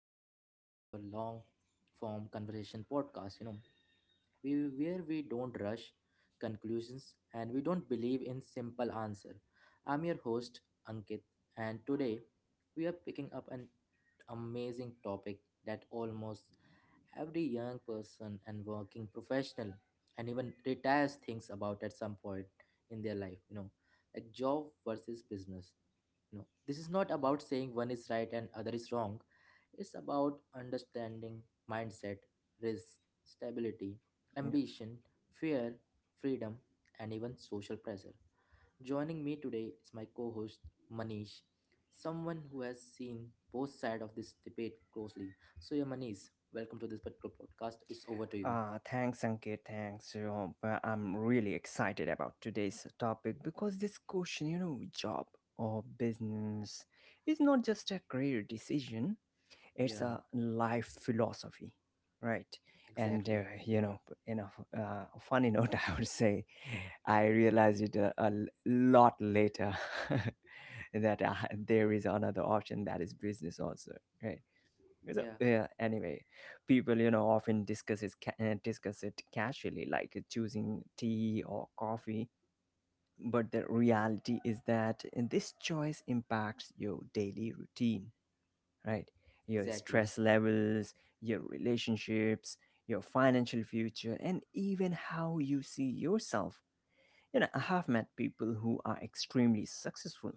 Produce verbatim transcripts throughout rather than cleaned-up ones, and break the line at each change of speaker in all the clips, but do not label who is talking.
episode of our long form conversation podcast. You know, we where we don't rush conclusions, and we don't believe in simple answer. I'm your host Ankit, and today we are picking up an amazing topic that almost every young person and working professional and even retires thinks about at some point in their life. You know, like job versus business. You know, this is not about saying one is right and other is wrong. It's about understanding mindset, risk, stability,
Yep.
ambition, fear, freedom, and even social pressure. Joining me today is my co host Manish, someone who has seen both sides of this debate closely. So, yeah, Manish, welcome to this particular podcast. It's over to you.
Uh, thanks, Ankit. Thanks. You know, uh, I'm really excited about today's topic because this question, you know, job or business is not just a career decision, it's
Yeah,
a life philosophy, right? And, uh,
exactly.
you know, in a f- uh, funny note, I would say I realized it a, a l- lot later that uh, there is another option that is business also, right? So,
Yeah,
yeah, anyway, people, you know, often discuss it, ca- uh, discuss it casually, like uh, choosing tea or coffee. But the reality is that uh, this choice impacts your daily routine, right? Your
exactly.
stress levels, your relationships, your financial future, and even how you see yourself. You know, I have met people who are extremely successful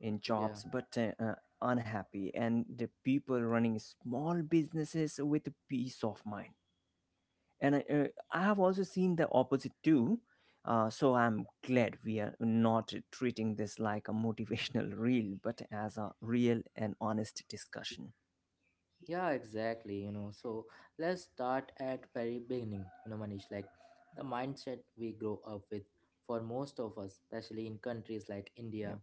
in
Yeah.
jobs but uh, uh, unhappy, and the people running small businesses with peace of mind. And I, uh, I have also seen the opposite too. Uh, so I'm glad we are not treating this like a motivational reel, but as a real and honest discussion.
Yeah, exactly. You know, so let's start at very beginning. You know, Manish, like the mindset we grow up with for most of us, especially in countries like India,
Yep,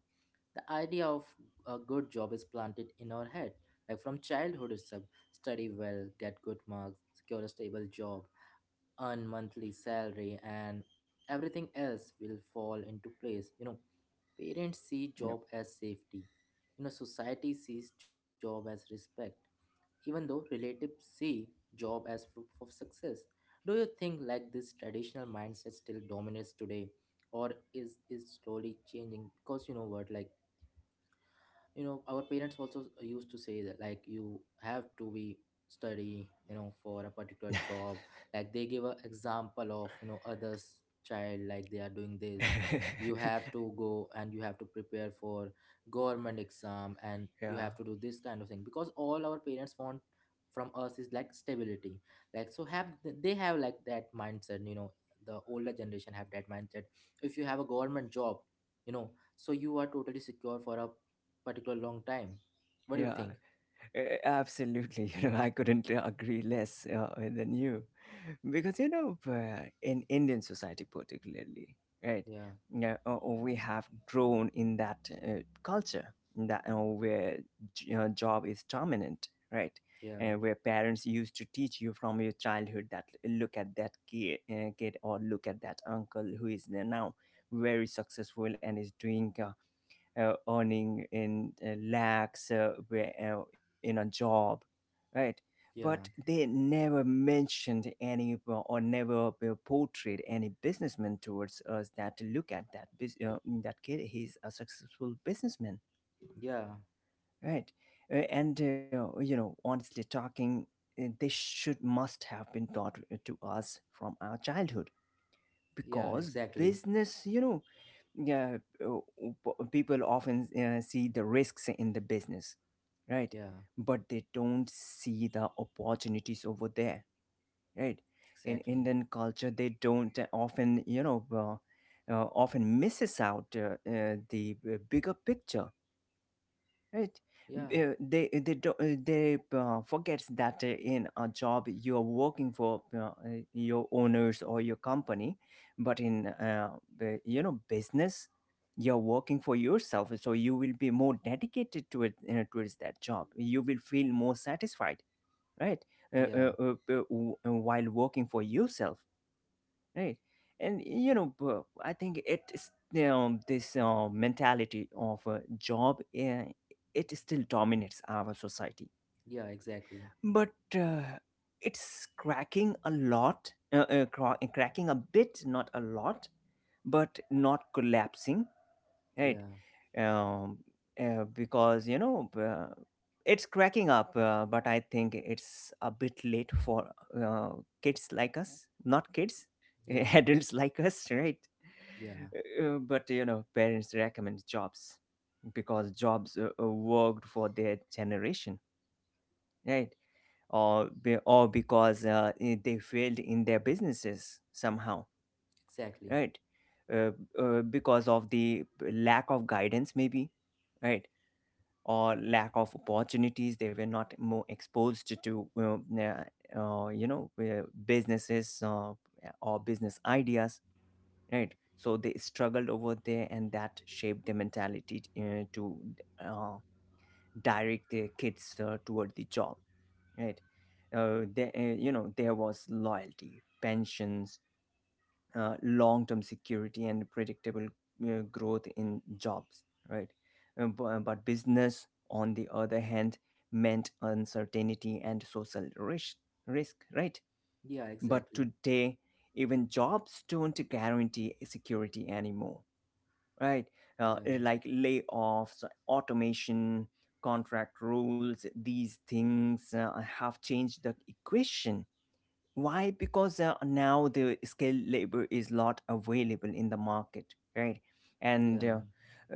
the idea of a good job is planted in our head. Like from childhood itself, study well, get good marks, secure a stable job, earn monthly salary, and everything else will fall into place. You know, parents see job
yep.
as safety. You know, society sees job as respect, even though relatives see job as proof of success. Do you think like this traditional mindset still dominates today or is it slowly changing? Because you know what, like, you know, our parents also used to say that, like, you have to be study, you know, for a particular job, like they give an example of, you know, others child, like they are doing this, you have to go and you have to prepare for government exam and you
Yeah,
have to do this kind of thing, because all our parents want from us is like stability, like so have they have like that mindset, you know, the older generation have that mindset. If you have a government job, you know, so you are totally secure for a particular long time. What do you
yeah.
think?
Eh, Absolutely, you know, I couldn't agree less uh, than you, because you know, uh, in Indian society particularly, right,
Yeah,
yeah, uh, we have grown in that uh, culture that uh, where j- you job is dominant, right,
yeah,
and where parents used to teach you from your childhood that look at that kid, uh, kid, or look at that uncle who is there now, very successful and is doing. Uh, uh, earning in uh, lakhs uh, where, uh, in a job, right? But
yeah,
they never mentioned any uh, or never uh, portrayed any businessman towards us that look at that bus- uh, that kid. He's a successful businessman,
yeah,
right? Uh, and uh, You know, honestly talking, uh, they should must have been taught uh, to us from our childhood
yeah,
because
exactly.
business, you know, yeah, uh, p- people often uh, see the risks in the business, right,
Yeah,
but they don't see the opportunities over there, right. In
exactly.
Indian culture they don't uh, often you know uh, uh, often misses out uh, uh, the uh, bigger picture. Right.
Yeah,
uh, They eh, they do, uh, they uh, forgets that uh, in a job you are working for uh, uh, your owners or your company, but in uh, the- you know business you're working for yourself, so you will be more dedicated to it uh, towards that job. You will feel more satisfied, right? Uh, uh,
yeah,
uh, uh, w- uh, while working for yourself, right. And you know bu- I think it's um, this uh, mentality of a job, uh, it still dominates our society,
yeah, exactly.
but uh, it's cracking a lot uh, uh, cra- cracking a bit, not a lot, but not collapsing, right.
Yeah,
um, uh, because you know uh, it's cracking up, uh, but I think it's a bit late for uh, kids like us, not kids
yeah,
adults like us, right.
yeah,
Uh, but you know parents recommend jobs because jobs uh, uh, worked for their generation, right, or be, or because uh, eh, they failed in their businesses somehow,
exactly.
right. uh, uh, because of the lack of guidance maybe, right, or lack of opportunities. They were not more exposed to uh, na- uh, you know uh, businesses uh, or business ideas, right. So they struggled over there and that shaped their mentality uh, to uh, direct their kids uh, toward the job, right. Uh, there, uh, you know there was loyalty, pensions, uh, long term security and predictable uh, growth in jobs, right? Uh, bu- uh, But business, on the other hand, meant uncertainty and social risk, risk, right?
Yeah,
But
exactly.
today, even jobs don't guarantee security anymore, right? Uh,
Yeah,
uh, like layoffs, automation, contract rules, these things uh, have changed the equation. Why? Because uh, now the skilled labor is not available in the market, right? And
yeah,
uh,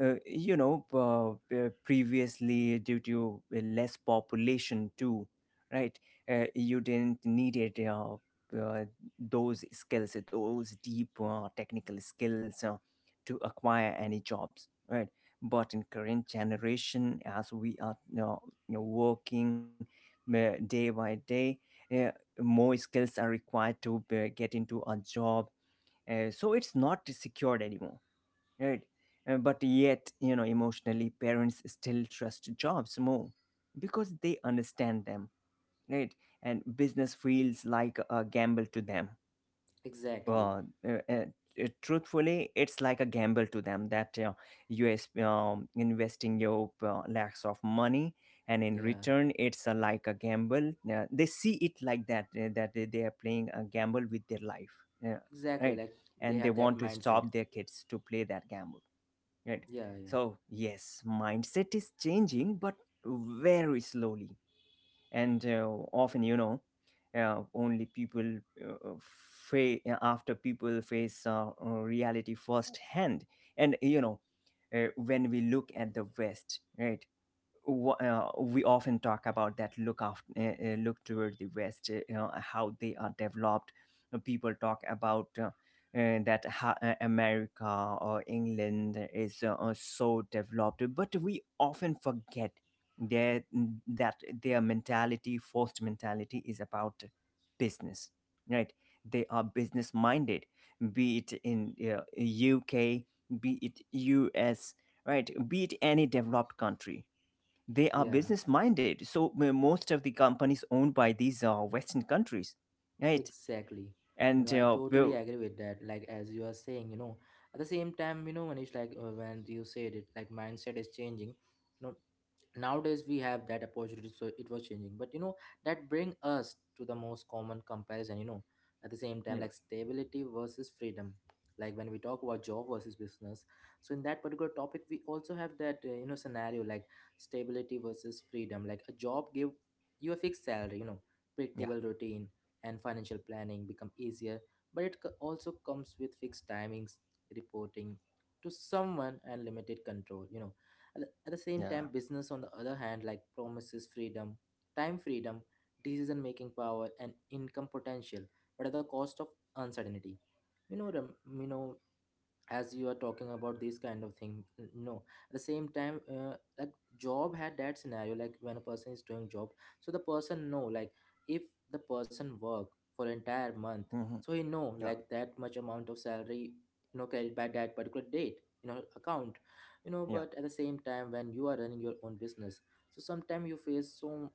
uh, you know, uh, uh, previously due to less population too, right? Uh, you didn't needed uh, uh, those skills, those deep uh, technical skills uh, to acquire any jobs, right? But in current generation, as we are you know, you know, working uh, day by day. uh, More skills are required to uh, get into a job, uh, so it's not secured anymore, right. Uh, but yet you know emotionally parents still trust jobs more because they understand them, right, and business feels like a gamble to them.
exactly.
Well, uh, uh, uh, truthfully, it's like a gamble to them that uh, you is um, investing your uh, lakhs of money, and in
Yeah,
return, it's uh, like a gamble. Uh, they see it like that, uh, that they they are playing a gamble with their life, yeah,
exactly.
right?
Like they
And they
have that
want to
mindset.
stop their kids to play that gamble, right?
Yeah, yeah,
So yes, mindset is changing, but very slowly, and uh, often you know uh, only people uh, fa- uh, after people face uh, uh, reality firsthand. And you know uh, when we look at the west, right, w- uh, we often talk about that look after uh, uh, look toward the west, uh, you know, how they are developed. Uh, people talk about uh, uh, that ha- uh, America or England is uh, uh, so developed, but we often forget their, that their mentality, forced mentality, is about business, right. They are business minded, be it in uh, UK, be it US, right, be it any developed country. They are
yeah,
business minded, so m- most of the companies owned by these uh, western countries, right.
exactly. You
And
know, I
uh,
totally
will.
agree with that. Like, as you are saying, you know, at the same time, you know, Manish, like, uh, when you said it, like, mindset is changing. No, nowadays we have that opportunity, so it was changing, but you know that bring us to the most common comparison, you know, at the same time
Yeah,
like stability versus freedom. Like when we talk about job versus business, so in that particular topic we also have that, uh, you know, scenario like stability versus freedom. Like a job give you a fixed salary, you know,
yeah,
predictable routine and financial planning become easier, but it co- also comes with fixed timings, reporting to someone, and limited control, you know. At the same time,
yeah.
business, on the other hand, like, promises freedom, time freedom, decision making power, and income potential, but at the cost of uncertainty. You know, Ram- you know, as you are talking about this kind of thing, n- no, at the same time, uh, like, job had that scenario, like, when a person is doing job, so the person know like, if the person work for entire month,
Mhm,
so he know
yeah,
like that much amount of salary, you know, credit by that particular date, you know, account, you
yeah,
know. But at the same time, when you are running your own business, so sometimes you face some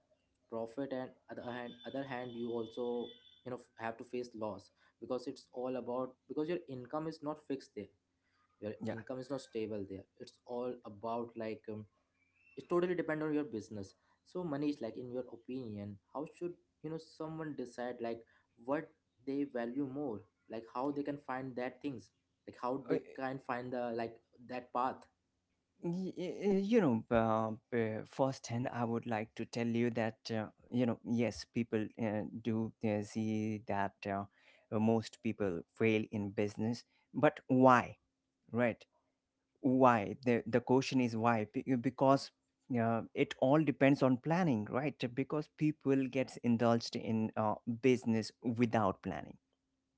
profit, and other hand other hand you also, you know, have to face loss, because it's all about, because your income is not fixed there, your
yeah.
income is not stable there, it's all about, like, um, it totally depend on your business. So money is, like, in your opinion, how should, you know, someone decide like what they value more, like how they can find that things, like how
Uh,
they can find the like that path.
y- y- you know uh, uh, firsthand I would like to tell you that uh, you know yes, people uh, do uh, see that uh, most people fail in business, but why, right, why, the, the question is why. Be- because uh, it all depends on planning, right, because people gets indulged in uh, business without planning,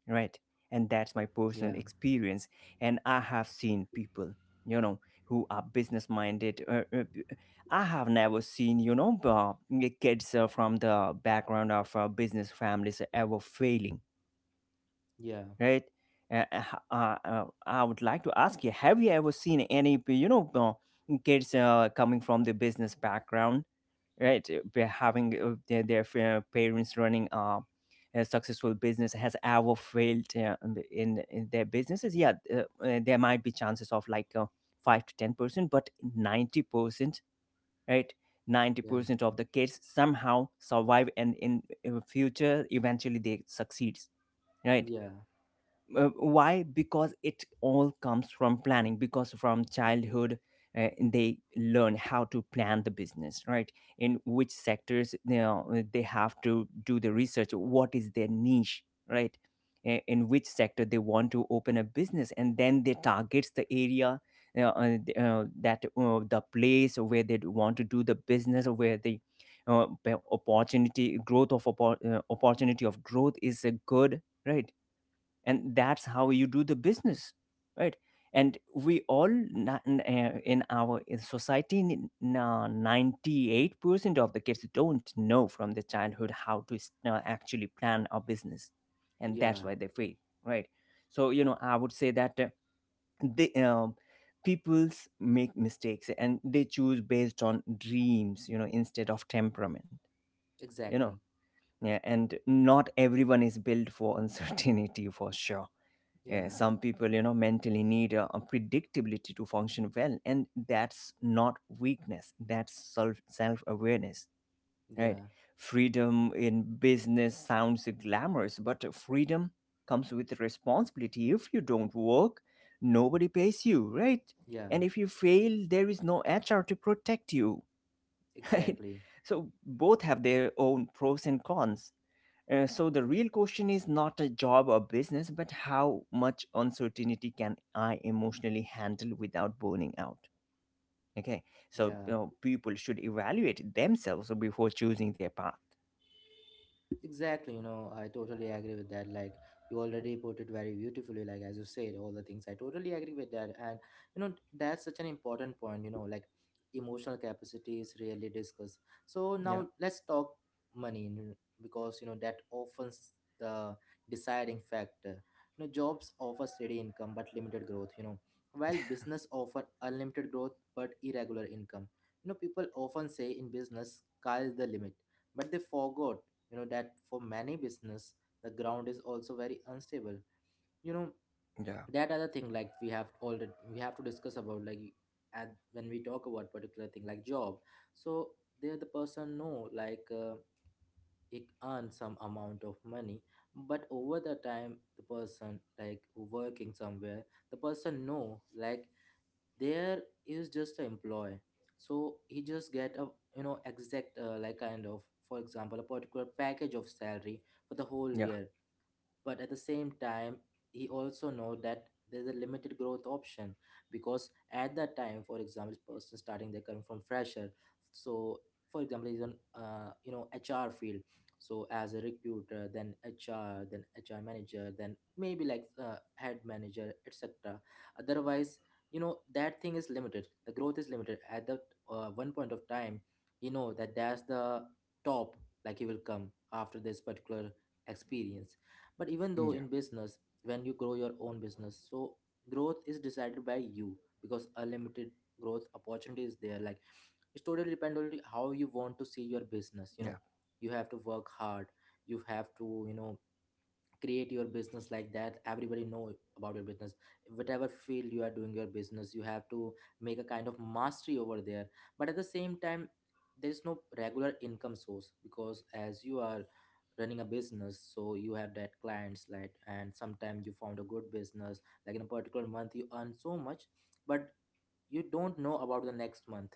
right, and that's my personal
Yeah,
experience. And I have seen people, you know, who are business minded. uh, uh, b- I have never seen, you know, uh, kids uh, from the background of uh, business families ever failing,
yeah,
right? Uh, uh, uh, uh, I would like to ask you: have you ever seen any, you know, uh, kids uh, coming from the business background, right? uh, be- Having uh, their, their fa- parents running uh, a successful business has ever failed uh, in, in their businesses? Yeah, uh, uh, there might be chances of like uh, five to ten percent, but ninety percent, right?
yeah,
ninety percent of the kids somehow survive, and in, in future eventually they succeed, right.
yeah,
Uh, why? Because it all comes from planning, because from childhood uh, they learn how to plan the business, right. In which sectors, you know, they have to do the research, what is their niche, right. I- in which sector they want to open a business, and then they targets the area, you know, uh, th- uh, that uh, the place where they want to do the business, or where the uh, p- opportunity growth of oppo- uh, opportunity of growth is uh, good, right. And that's how you do the business, right. And we all na- n- uh, in our in society n- na- ninety-eight percent of the kids don't know from the childhood how to s- uh, actually plan a business, and that's
yeah,
why they fail, right. So you know I would say that uh, they um, people's make mistakes and they choose based on dreams, you know, instead of temperament, you know.
exactly.
Yeah, and not everyone is built for uncertainty for sure. Yeah,
Yeah,
some people, you know, mentally need uh, a predictability to function well, and that's not weakness. That's self self awareness, right?
yeah,
Freedom in business sounds glamorous, but freedom comes with responsibility. If you don't work, nobody pays you, right? And
yeah,
if you fail, there is no H R to protect you. Right?
exactly.
So both have their own pros and cons. Uh, so the real question is not a job or business, but how much uncertainty can I emotionally handle without burning out? Okay, so
Yeah.
you know, people should evaluate themselves before choosing their path.
Exactly, you know, I totally agree with that. Like, you already put it very beautifully, like, as you said, all the things. I totally agree with that. And, you know, that's such an important point, you know, like, emotional capacity is really discussed. So,
Yeah,
now let's talk money, you know, because, you know, that often's the deciding factor. You know, jobs offer steady income but limited growth, you know, while business offer unlimited growth but irregular income. You know, people often say in business, sky is the limit, but they forgot, you know, that for many business the ground is also very unstable, you know.
yeah,
That other thing, like, we have already, we have to discuss about, like, at when we talk about particular thing like job, so there the person know like, uh, it earn some amount of money, but over the time the person, like, who working somewhere, the person know like there is just an employee, so he just get a, you know, exact, uh, like, kind of, for example, a particular package of salary for the whole
yeah,
year. But at the same time, he also know that there's a limited growth option, because at that time, for example, person starting their career from fresher, so for example he's on, uh, you know, hr field, so as a recruiter, then hr, then hr manager, then maybe like, uh, head manager, etc, otherwise, you know, that thing is limited, the growth is limited at that, uh, one point of time, you know, that that's the top, like he will come after this particular experience. But even
yeah,
though in business, when you grow your own business, so growth is decided by you, because unlimited growth opportunity is there, like it's totally depend on how you want to see your business,
yeah,
you know, you have to work hard, you have to, you know, create your business like that everybody know about your business, whatever field you are doing your business, you have to make a kind of mastery over there. But at the same time, there is no regular income source, because as you are running a business, so you have that clients, like, and sometimes you found a good business, like in a particular month you earn so much, but you don't know about the next month,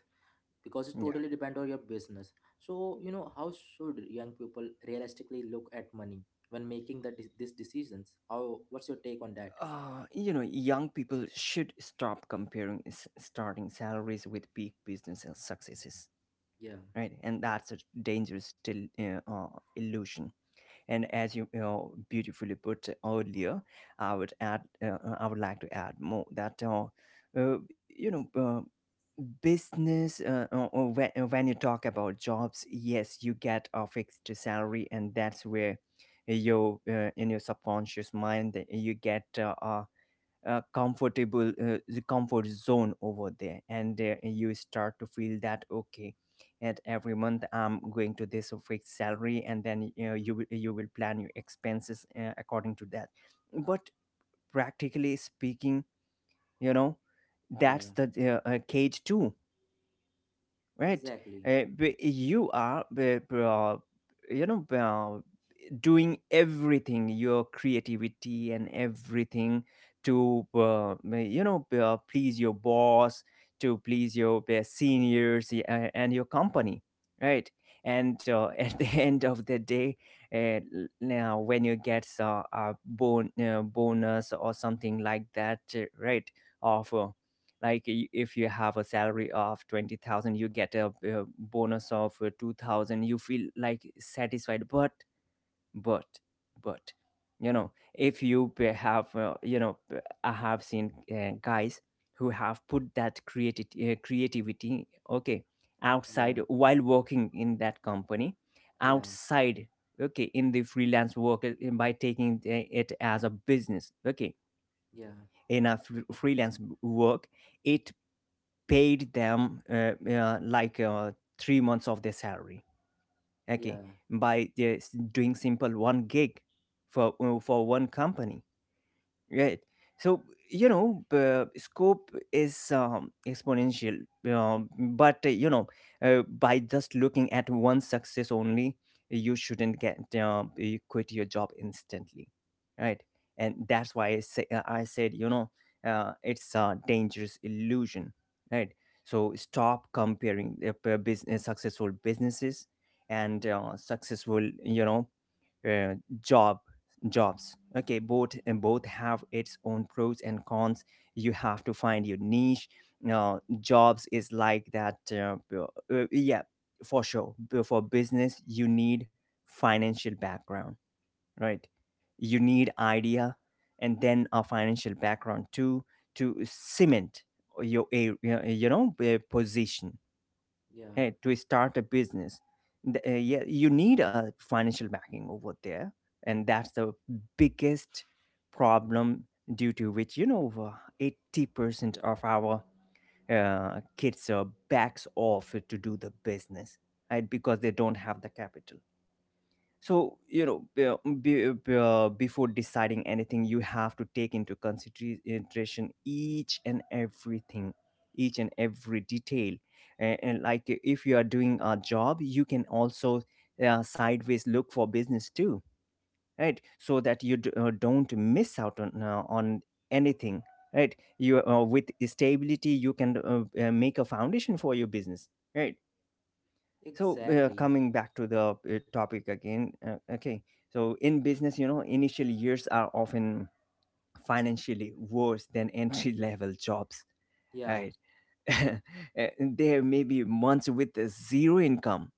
because it
yeah.
totally depend on your business. So, you know, how should young people realistically look at money when making the de- these decisions? How, what's your take on that?
Uh, you know, young people should stop comparing s- starting salaries with peak business and successes,
Yeah,
right? And that's a dangerous still uh, uh, illusion. And as you, you know, beautifully put earlier, I would add, uh, uh, I would like to add more that, uh, uh, you know, uh, business uh, uh, uh, when, uh, when you talk about jobs, yes, you get a fixed salary, and that's where your uh, in your subconscious mind that you get uh, a uh, comfortable uh, the comfort zone over there, and uh, you start to feel that, okay, and every month I'm going to this fixed salary, and then you know, you will you will plan your expenses uh, according to that. But practically speaking, you know, that's
yeah,
the uh, uh, cage too, right?
exactly.
Uh, b- you are b- b- uh, you know doing everything, your creativity and everything, to uh, you know uh, please your boss, to please your uh, seniors uh, and your company, right? And uh, at the end of the day, uh, now when you get uh, a bon- uh, bonus or something like that, uh, right? of uh, like i- if you have a salary of twenty thousand, you get a, uh bonus of uh, two thousand, you feel like satisfied. But, but but you know, if you p- have uh, you know p- I have seen uh, guys who have put that creativity uh, creativity, okay,
Yeah,
outside while working in that company,
yeah,
outside, okay, in the freelance work, uh, by taking the- it as a business, okay,
yeah,
in a fr- freelance work, it paid them uh, uh, like uh, three months of their salary, okay,
yeah,
by just doing simple one gig for uh, for one company. Right. So, you know, uh, scope is um, exponential, um, but uh, you know, uh, by just looking at one success only, you shouldn't get um, you quit your job instantly, right? And that's why I say, uh, I said, you know, uh, it's a dangerous illusion, right? So stop comparing uh, p- business, successful businesses, and uh, successful, you know, uh, job jobs, okay? Both, and both have its own pros and cons. You have to find your niche. Now, jobs is like that, uh, uh, yeah, for sure. Bu- for business, you need financial background, right? You need idea, and then a financial background too, to cement your a- you know you know, uh, position,
yeah,
eh, to start a business. Th- eh, yeah, you need a financial backing over there, and that's the biggest problem, due to which, you know, over eighty percent of our uh, kids are backs off to do the business, right? Because they don't have the capital. So, you know, be, be, be- uh, before deciding anything, you have to take into consideration each and everything, each and every detail. And, and like if you are doing a job, you can also uh, sideways look for business too, right? So that you d- uh, don't miss out on uh, on anything, right? You uh, with stability you can uh, uh, make a foundation for your business, right? So, uh,
exactly.
coming back to the uh, topic again, uh, okay, so in business, you know, initial years are often financially worse than entry level jobs,
Yeah,
right? Uh, there may be months with zero income,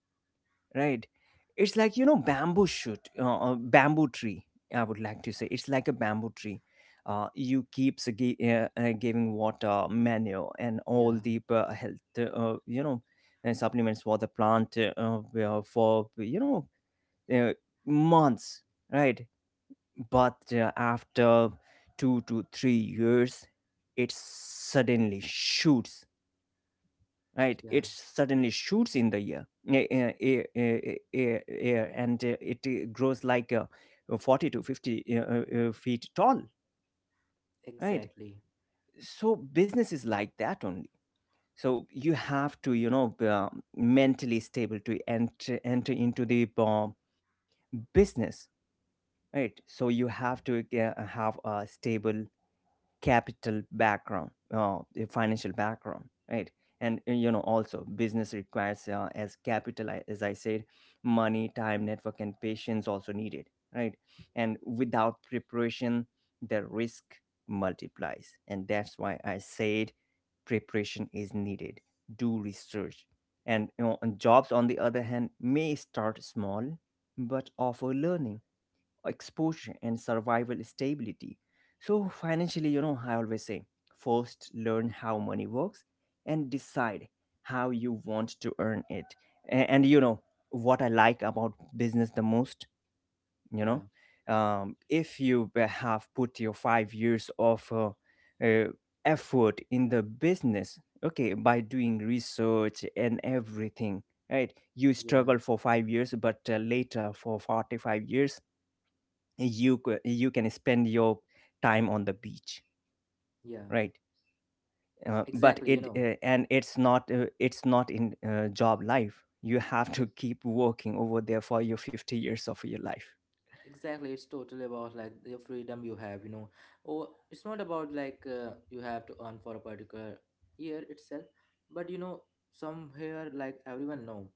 right? It's like, you know, bamboo shoot uh, uh, bamboo tree. I would like to say it's like a bamboo tree. Uh, you keeps gi- uh, uh, giving water, manure, and all
yeah,
the uh, health uh, you know uh, supplements for the plant uh, uh, for, you know, uh, months, right? But uh, after two to three years, it suddenly shoots, right?
yeah,
It suddenly shoots in the air, eh, eh, eh, eh, eh, air, and uh, it uh, grows like uh, forty to fifty uh, uh, uh, feet tall, right?
exactly.
So business is like that only. So you have to, you know, be, um, mentally stable to enter enter into the uh, business, right? So you have to uh, have a stable capital background, uh, a financial background, right? And uh, you know, also business requires uh, as capital I- as I said, money, time, network, and patience also needed, right? And without preparation, the risk multiplies, and that's why I said preparation is needed. Do research, and you know, and jobs on the other hand may start small but offer learning, exposure, and survival stability. So, financially, you know, I always say first learn how money works and decide how you want to earn it. A- And, you know, what I like about business the most, you
Yeah,
know, um, if you have put your five years of uh, uh, effort in the business, okay, by doing research and everything, right? You
yeah,
struggle for five years, but uh, later for forty-five years, you c- you can spend your time on the beach,
yeah,
right? Uh, but
exactly, you
it
know.
uh, and it's not uh, it's not in uh, job life you have to keep working over there for your fifty years of your life.
Exactly, it's totally about like the freedom you have, you know, or it's not about, like, uh, you have to earn for a particular year itself. But you know, somewhere, like everyone know,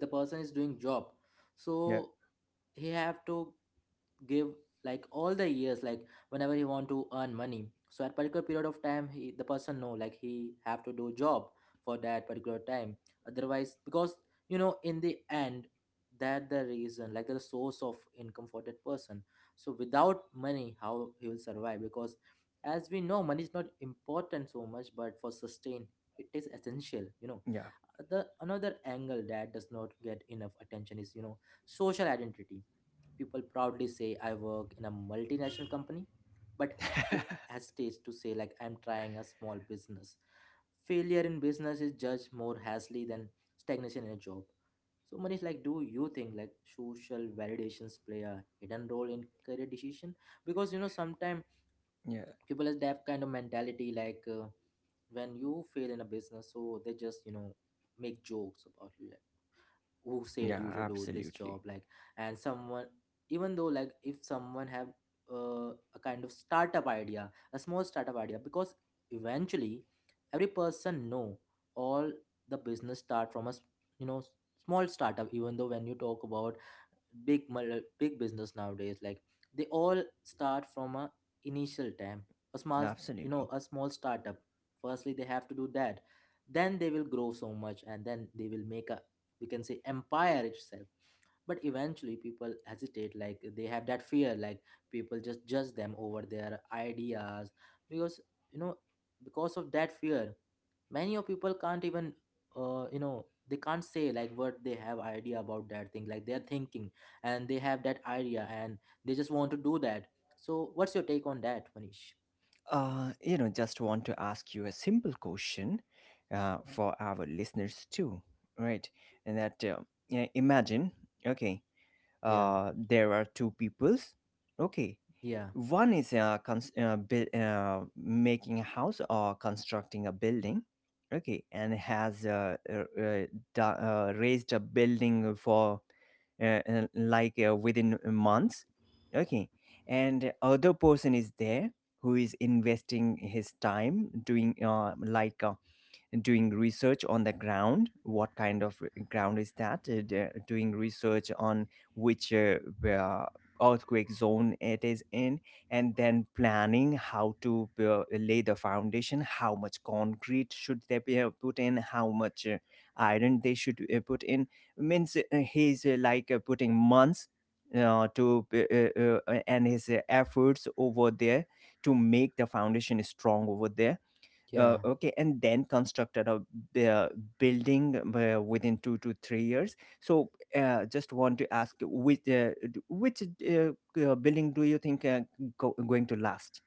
the person is doing job,
Yeah,
so he have to give like all the years, like whenever he want to earn money, so at particular period of time, he, the person know like he have to do job for that particular time, otherwise, because you know, in the end, that the reason like the source of income for that person, so without money how he will survive? Because as we know money is not important so much, but for sustain, it is essential, you know.
yeah,
The another angle that does not get enough attention is, you know, social identity. People proudly say, I work in a multinational company, but it hesitates to say, like, I'm trying a small business. Failure in business is judged more harshly than stagnation in a job. So, Manish, like, do you think like social validations play a hidden role in career decision? Because you know, sometimes
yeah,
people have that kind of mentality, like uh, when you fail in a business, so they just you know make jokes about you, who said
yeah.
you to do this
Absolutely,
job like and someone even though like if someone have uh, a kind of startup idea a small startup idea, because eventually every person know all the business start from a s- you know s- small startup. Even though when you talk about big mul- big business nowadays, like they all start from a initial time, a small you know
absolutely.
a small startup, firstly they have to do that, then they will grow so much and then they will make a we can say empire itself. But eventually people hesitate, like they have that fear, like people just judge them over their ideas because you know, because of that fear many of people can't even uh, you know they can't say like what they have idea about that thing, like they're thinking and they have that idea and they just want to do that. So what's your take on that, Manish?
uh you know, just want to ask you a simple question, uh for our listeners too, right? And that, uh, yeah, imagine, okay,
Yeah,
uh there are two peoples, okay.
yeah,
One is uh, cons- uh, buil- uh, making a house or constructing a building. Okay, and has uh, uh, uh, do- uh, raised a building for uh, uh, like uh, within months. Okay, and other person is there who is investing his time doing uh, like uh, doing research on the ground, what kind of r- ground is that, uh, d- uh, doing research on which, uh, uh, earthquake zone it is in, and then planning how to uh, lay the foundation, how much concrete should they be, uh, put in, how much uh, iron they should uh, put in, means uh, he's uh, like uh, putting months uh, to uh, uh, uh, and his uh, efforts over there to make the foundation strong over there, uh,
yeah,
okay, and then constructed a b- uh, building um, uh, within two to three years. So, uh, just want to ask you, which uh, d- which uh, uh, building do you think uh, go- going to last,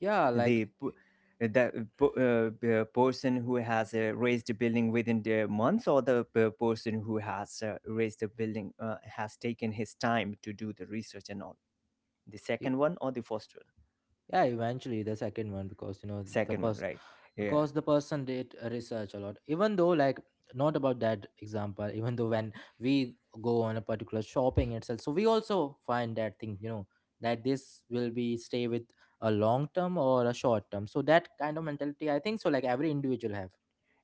yeah,
the
like,
p- the p- uh, p- uh, person who has uh, raised a building within the months, or the p- uh, person who has uh, raised a building, uh, has taken his time to do the research and all, the
e-
second one or the first one?
yeah, eventually the second one because you know the
Second one,
person,
right? Yeah.
because the person did research a lot. Even though like not about that example, even though when we go on a particular shopping itself, so we also find that thing, you know, that this will be stay with a long term or a short term, so that kind of mentality I think so, like every individual have.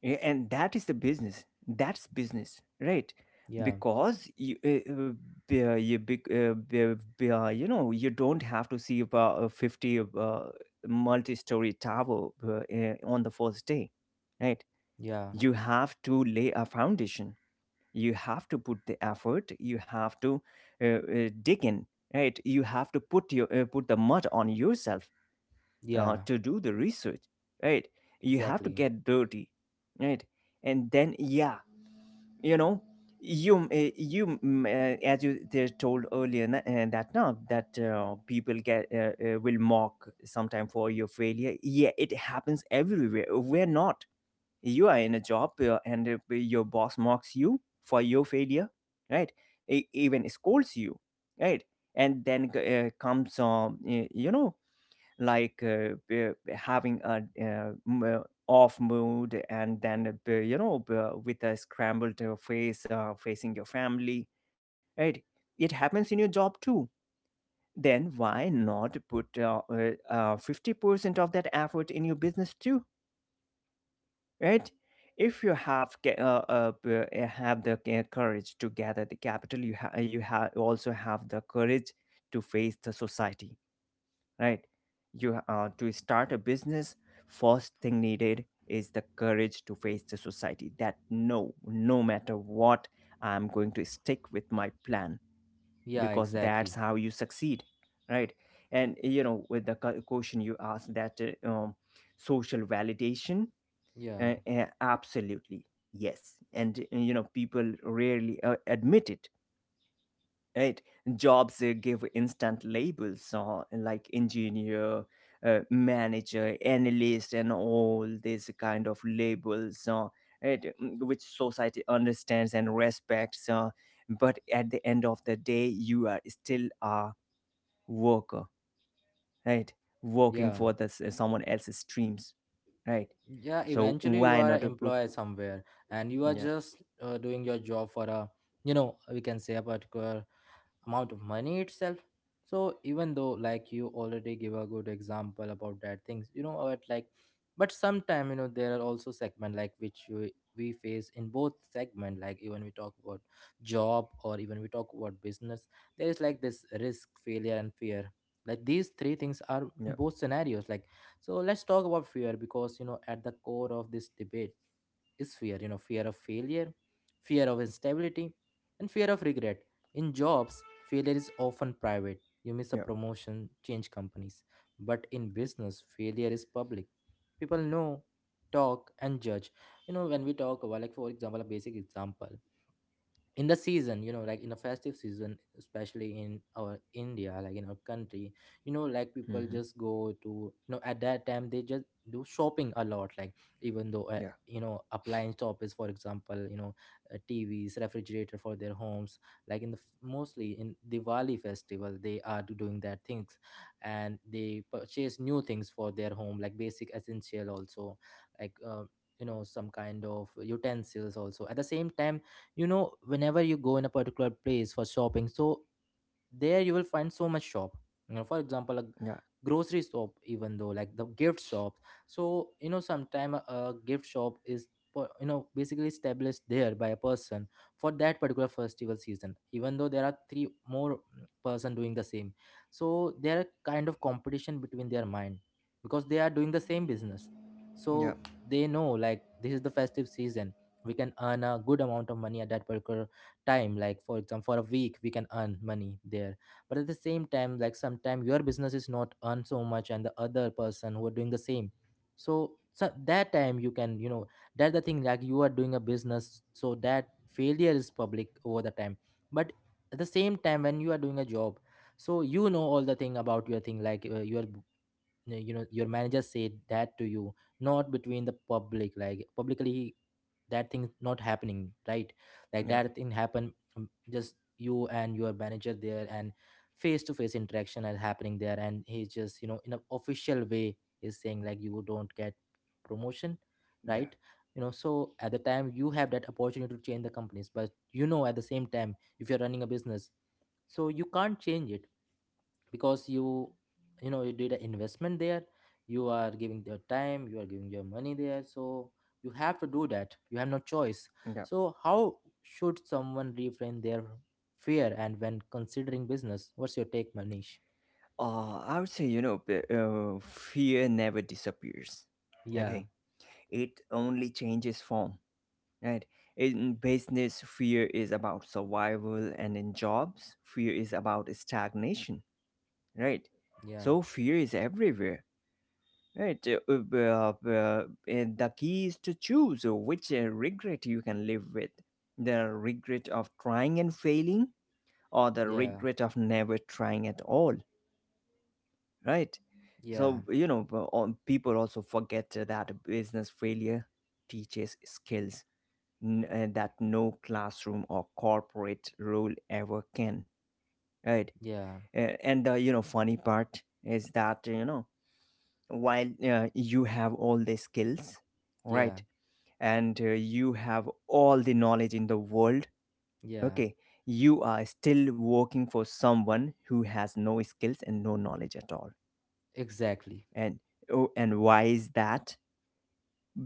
Yeah, and that is the business, that's business, right?
Yeah.
Because you, uh, uh, b- uh, you, big- uh, b- uh, b- uh, you know, you don't have to see about a fifty uh, multi-story tower uh, uh, on the first day, right?
Yeah,
You have to lay a foundation, you have to put the effort, you have to uh, uh, dig in, right? You have to put your uh, put the mud on yourself uh,
yeah,
to do the research, right? You have to
exactly.
get dirty, right? And then, yeah, you know, you m- eh, you m- eh, as you they told earlier na- eh, that now that uh, people get uh, uh, will mock sometime for your failure. Yeah, it happens everywhere. We're not, you are in a job, uh, and uh, your boss mocks you for your failure, right? E- even scolds you, right? And then uh, comes um, eh, you know, like uh, b- having a uh, m- off mood, and then uh, b- you know b- with a scrambled uh, face uh, facing your family, right? It happens in your job too. Then why not put uh, uh, uh, fifty percent of that effort in your business too, right? If you have ca- uh, uh, b- uh, have the uh, courage to gather the capital, you ha- you ha- also have the courage to face the society, right? you uh, To start a business, first thing needed is the courage to face the society, that no, no matter what, I'm going to stick with my plan,
Yeah,
because that's
exactly.
how you succeed, right? And you know, with the cu- question you asked, that, uh, um, social validation,
Yeah,
uh, uh, absolutely yes, and uh, you know, people rarely uh, admit it, right? Jobs uh, give instant labels, uh, like engineer, uh, manager, analyst, and all these kind of labels, uh, right, mm, which society understands and respects, uh, but at the end of the day, you are still a worker, right? Working
yeah,
for the s- uh, someone else's dreams, right?
yeah,
So
eventually you
why
are an
not to put,
employer somewhere and you are
yeah,
just uh, doing your job for a you know we can say a particular amount of money itself. So even though like you already give a good example about that things, you know, but like, but sometime you know there are also segment like which we, we face in both segment, like even we talk about job or even we talk about business, there is like this risk, failure and fear, like these three things are in
yeah,
both scenarios, like. So let's talk about fear, because you know at the core of this debate is fear, you know, fear of failure, fear of instability, and fear of regret. In jobs failure is often private, you miss a
yeah,
promotion, change companies. But in business failure is public, people know, talk and judge. You know when we talk about, like for example a basic example, in the season, you know, like in a festive season, especially in our India, like in our country, you know, like people
hmm,
just go to you know at that time they just do shopping a lot, like even though uh,
yeah,
you know appliance shop is for example, you know, uh, tvs refrigerator for their homes, like in the f- mostly in Diwali festival they are do- doing that things, and they purchase new things for their home like basic essential also, like uh, you know some kind of utensils also at the same time. You know whenever you go in a particular place for shopping, so there you will find so much shop. You know, for example a
yeah,
grocery shop, even though like the gift shops. So you know sometime a, a gift shop is per- you know basically established there by a person for that particular festival season, even though there are three more mm, person doing the same. So there are kind of competition between their mind, because they are doing the same business. So
yeah,
they know like this is the festive season, we can earn a good amount of money at that particular time, like for example for a week we can earn money there. But at the same time, like sometimes your business is not earn so much and the other person who are doing the same, so, so that time you can you know, that the thing like you are doing a business, so that failure is public over the time. But at the same time when you are doing a job, so you know all the thing about your thing, like uh, your uh, you know your manager said that to you, not between the public like publicly, that thing not happening right, like
yeah,
that thing happen um, just you and your manager there, and face to face interaction is happening there and he's just you know in an official way he's saying like you don't get promotion,
yeah,
right. You know, so at the time you have that opportunity to change the companies, but you know at the same time if you're running a business, so you can't change it because you you know you did an investment there, you are giving your time, you are giving your money there, so you have to do that, you have no choice.
yeah.
So how should someone reframe their fear and when considering business, what's your take, Manish?
Uh, I would say, you know, p- uh, fear never disappears.
Yeah.
Okay. It only changes form, right? In business, fear is about survival, and in jobs, fear is about stagnation, right?
Yeah.
So fear is everywhere, right? Uh, uh, b- uh, b- uh, and the key is to choose which uh, regret you can live with, the regret of trying and failing, or the
Yeah,
regret of never trying at all, right?
yeah,
So, you know, p- all- people also forget that business failure teaches skills n- uh, that no classroom or corporate role ever can, right?
yeah,
Uh, and the, you know, funny part is that, you know, while uh, you have all the skills,
yeah.
right? And uh, you have all the knowledge in the world,
Yeah,
okay? You are still working for someone who has no skills and no knowledge at all.
exactly,
And, oh, and why is that?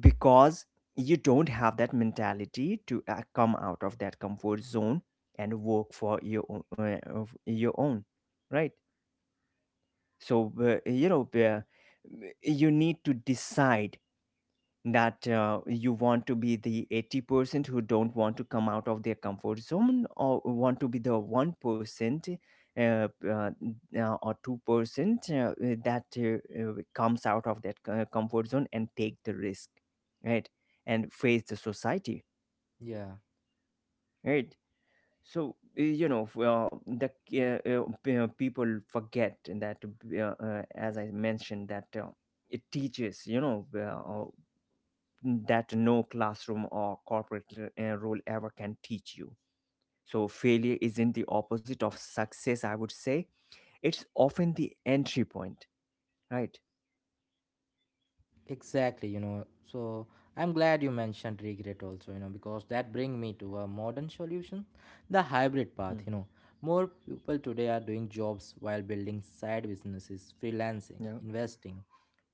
Because you don't have that mentality to uh, come out of that comfort zone and work for your own, uh, of your own, right? So uh, you know uh, you need to decide that uh, you want to be the eighty percent who don't want to come out of their comfort zone, or want to be the one percent uh, uh, uh, or two percent uh, that uh, uh, comes out of that co- comfort zone and take the risk, right? And face the society,
yeah.
right? So uh, you know f- uh, the uh, uh, p- uh, people forget that uh, uh, as I mentioned, that uh, it teaches, you know uh, that no classroom or corporate uh, role ever can teach you. So, failure isn't the opposite of success, I would say. It's often the entry point, right?
Exactly, you know. So I'm glad you mentioned regret also, you know, because that bring me to a modern solution, the hybrid path, you
Hmm.
know. More people today are doing jobs while building side businesses, freelancing,
Yeah,
investing,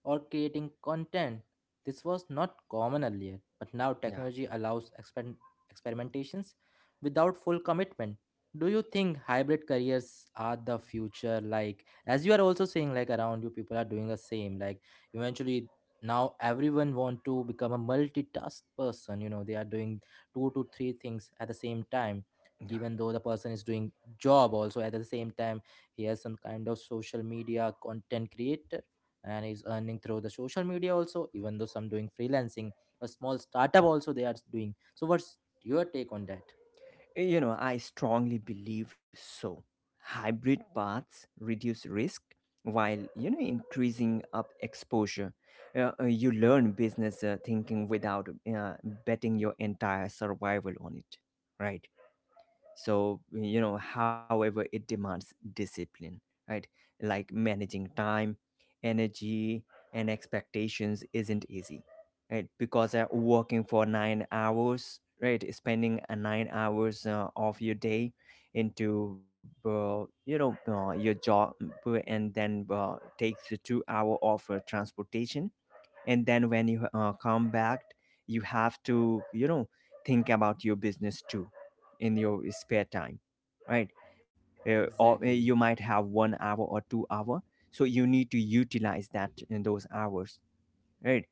or creating content. This was not common earlier, but now
yeah,
technology allows exper- experimentations without full commitment. Do you think hybrid careers are the future? Like, as you are also saying, like around you, people are doing the same. Like, eventually, now everyone want to become a multitask person. You know, they are doing two to three things at the same time.
yeah.
Even though the person is doing job also at the same time, he has some kind of social media content creator and is earning through the social media also, even though some doing freelancing, a small startup also they are doing. So what's your take on that?
You know, I strongly believe so. Hybrid paths reduce risk while, you know, increasing up exposure. Uh, uh, you learn business uh, thinking without uh, betting your entire survival on it, right? So, you know, however, it demands discipline, right? Like managing time, energy, and expectations isn't easy, right? Because uh, working for nine hours, right, spending uh, nine hours uh, of your day into uh, you know uh, your job, uh, and then uh, takes a two hour of uh, transportation, and then when you uh, come back, you have to, you know, think about your business too in your spare time, right? Uh, or uh,
Exactly.
you might have one hour or two hour. So you need to utilize that in those hours, right?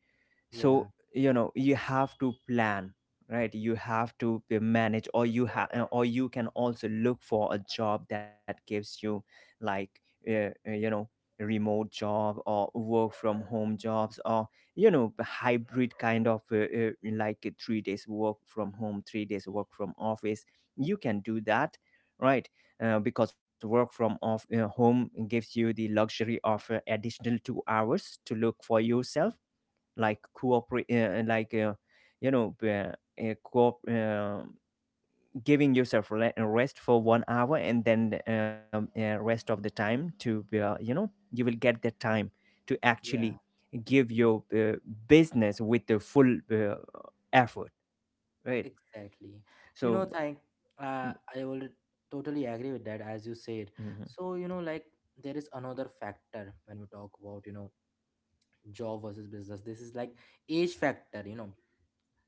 Yeah,
So, you know, you have to plan, right? You have to be manage, or you have, or you can also look for a job that gives you, like, uh, uh, you know remote job or work from home jobs, or, you know, the hybrid kind of uh, uh, like uh, three days work from home, three days work from office. You can do that, right? Uh, because work from off uh, home gives you the luxury of uh, additional two hours to look for yourself, like cooperate, uh, like, uh, you know uh, uh, co- uh, giving yourself le- a rest for one hour, and then um, uh, rest of the time to, uh, you know, you will get the time to actually
yeah,
give your uh, business with the full uh, effort, right?
exactly. You know,
So.
thank, uh, I will totally agree with that as you said.
Mm-hmm.
So you know like there is another factor when we talk about you know job versus business, this is like age factor, you know.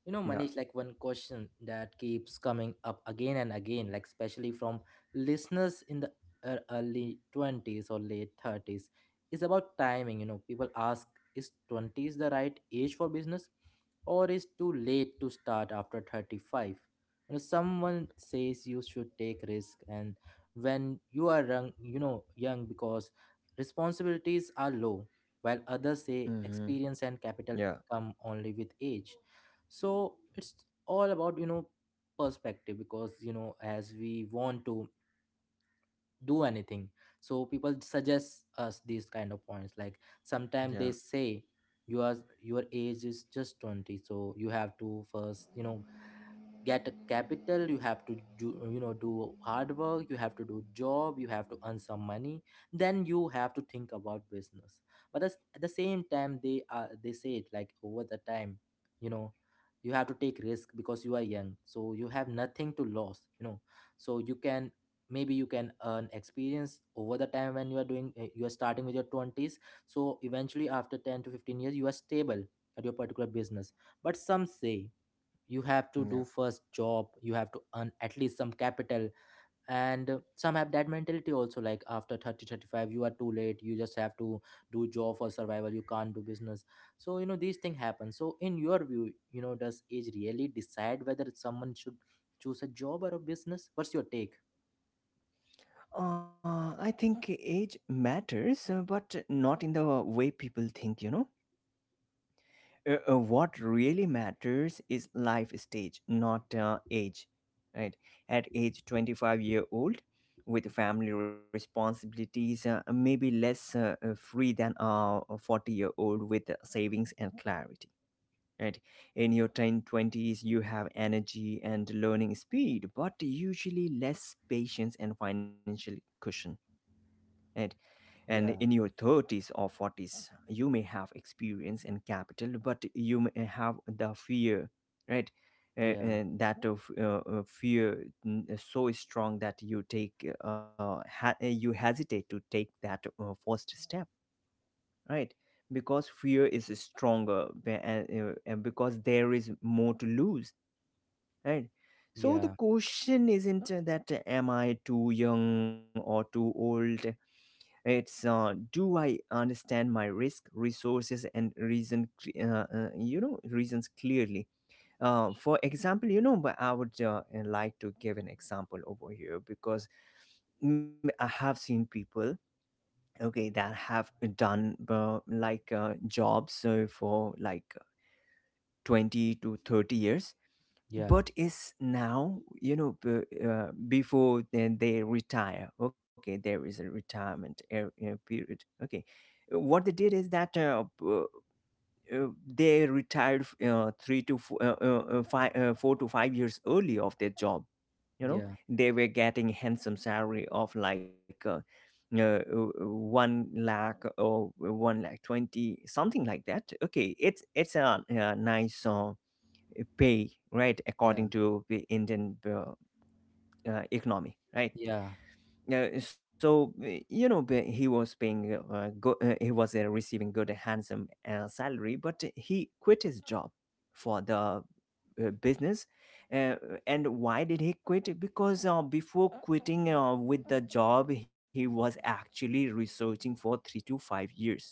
You know,
Yeah.
Manish, like one question that keeps coming up again and again, like especially from listeners in the uh, early twenties or late thirties, is about timing. You know, people ask, is twenties the right age for business? Or is too late to start after thirty-five? You know, someone says you should take risk and when you are young, you know, young because responsibilities are low, while others say
Mm-hmm.
experience and capital
Yeah,
come only with age. So it's all about you know perspective, because you know as we want to do anything, so people suggest us these kind of points, like sometimes they
yeah,
say you are your age is just twenty, so you have to first you know get a capital, you have to do you know do hard work, you have to do job, you have to earn some money, then you have to think about business. But as- at the same time they are they say it like over the time, you know, you have to take risk because you are young so you have nothing to lose, you know. So you can maybe you can earn experience over the time when you are doing, uh, you are starting with your twenties, so eventually after ten to fifteen years you are stable at your particular business. But some say you have to do
yeah.
first job, you have to earn at least some capital, and uh, some have that mentality also like after thirty, thirty-five, you are too late, you just have to do job for survival, you can't do business. So you know these things happen. So in your view, you know, does age really decide whether someone should choose a job or a business? What's your take?
uh, I think age matters, uh, but not in the way people think, you know? Uh, uh, what really matters is life stage, not uh, age, right? At age twenty-five year old with family responsibilities, uh, maybe less uh, uh, free than uh, a forty year old with uh, savings and clarity, right? In your ten twenties, you have energy and learning speed but usually less patience and financial cushion, right? And
Yeah.
in your thirties or forties, you may have experience and capital, but you may have the fear, right? Uh,
Yeah,
and that of uh, uh, fear, mm, so strong that you take uh, ha- uh, you hesitate to take that uh, first step, right? Because fear is stronger, be- and uh, uh, because there is more to lose, right? So the
yeah,
question isn't, uh, that, uh, am I too young or too old? It's, uh, do I understand my risk, resources, and reason, uh, uh, you know, reasons clearly? Uh, for example, you know, but I would uh, like to give an example over here, because mm, I have seen people, okay, that have done uh, like uh, jobs uh, for like twenty to thirty years,
yeah,
but is now, you know, b- uh, before then they retire. Okay, there is a retirement er- uh, period, okay. Uh, what they did is that, uh, p- uh, uh, they retired f- uh, three to four, uh, uh, uh, five, uh, four to five years early of their job. You know,
yeah,
they were getting handsome salary of like uh, uh, uh, one lakh or one lakh twenty, something like that. Okay, it's it's a uh nice Uh, uh, pay, right,
yeah.
according to the Indian uh, uh, economy, right?
Yeah,
Uh, so uh, you know b- he was paying uh, go, uh, he was uh, receiving good handsome uh, salary, but he quit his job for the uh, business. uh, and why did he quit? Because uh, before quitting uh, with the job, he was actually researching for three to five years.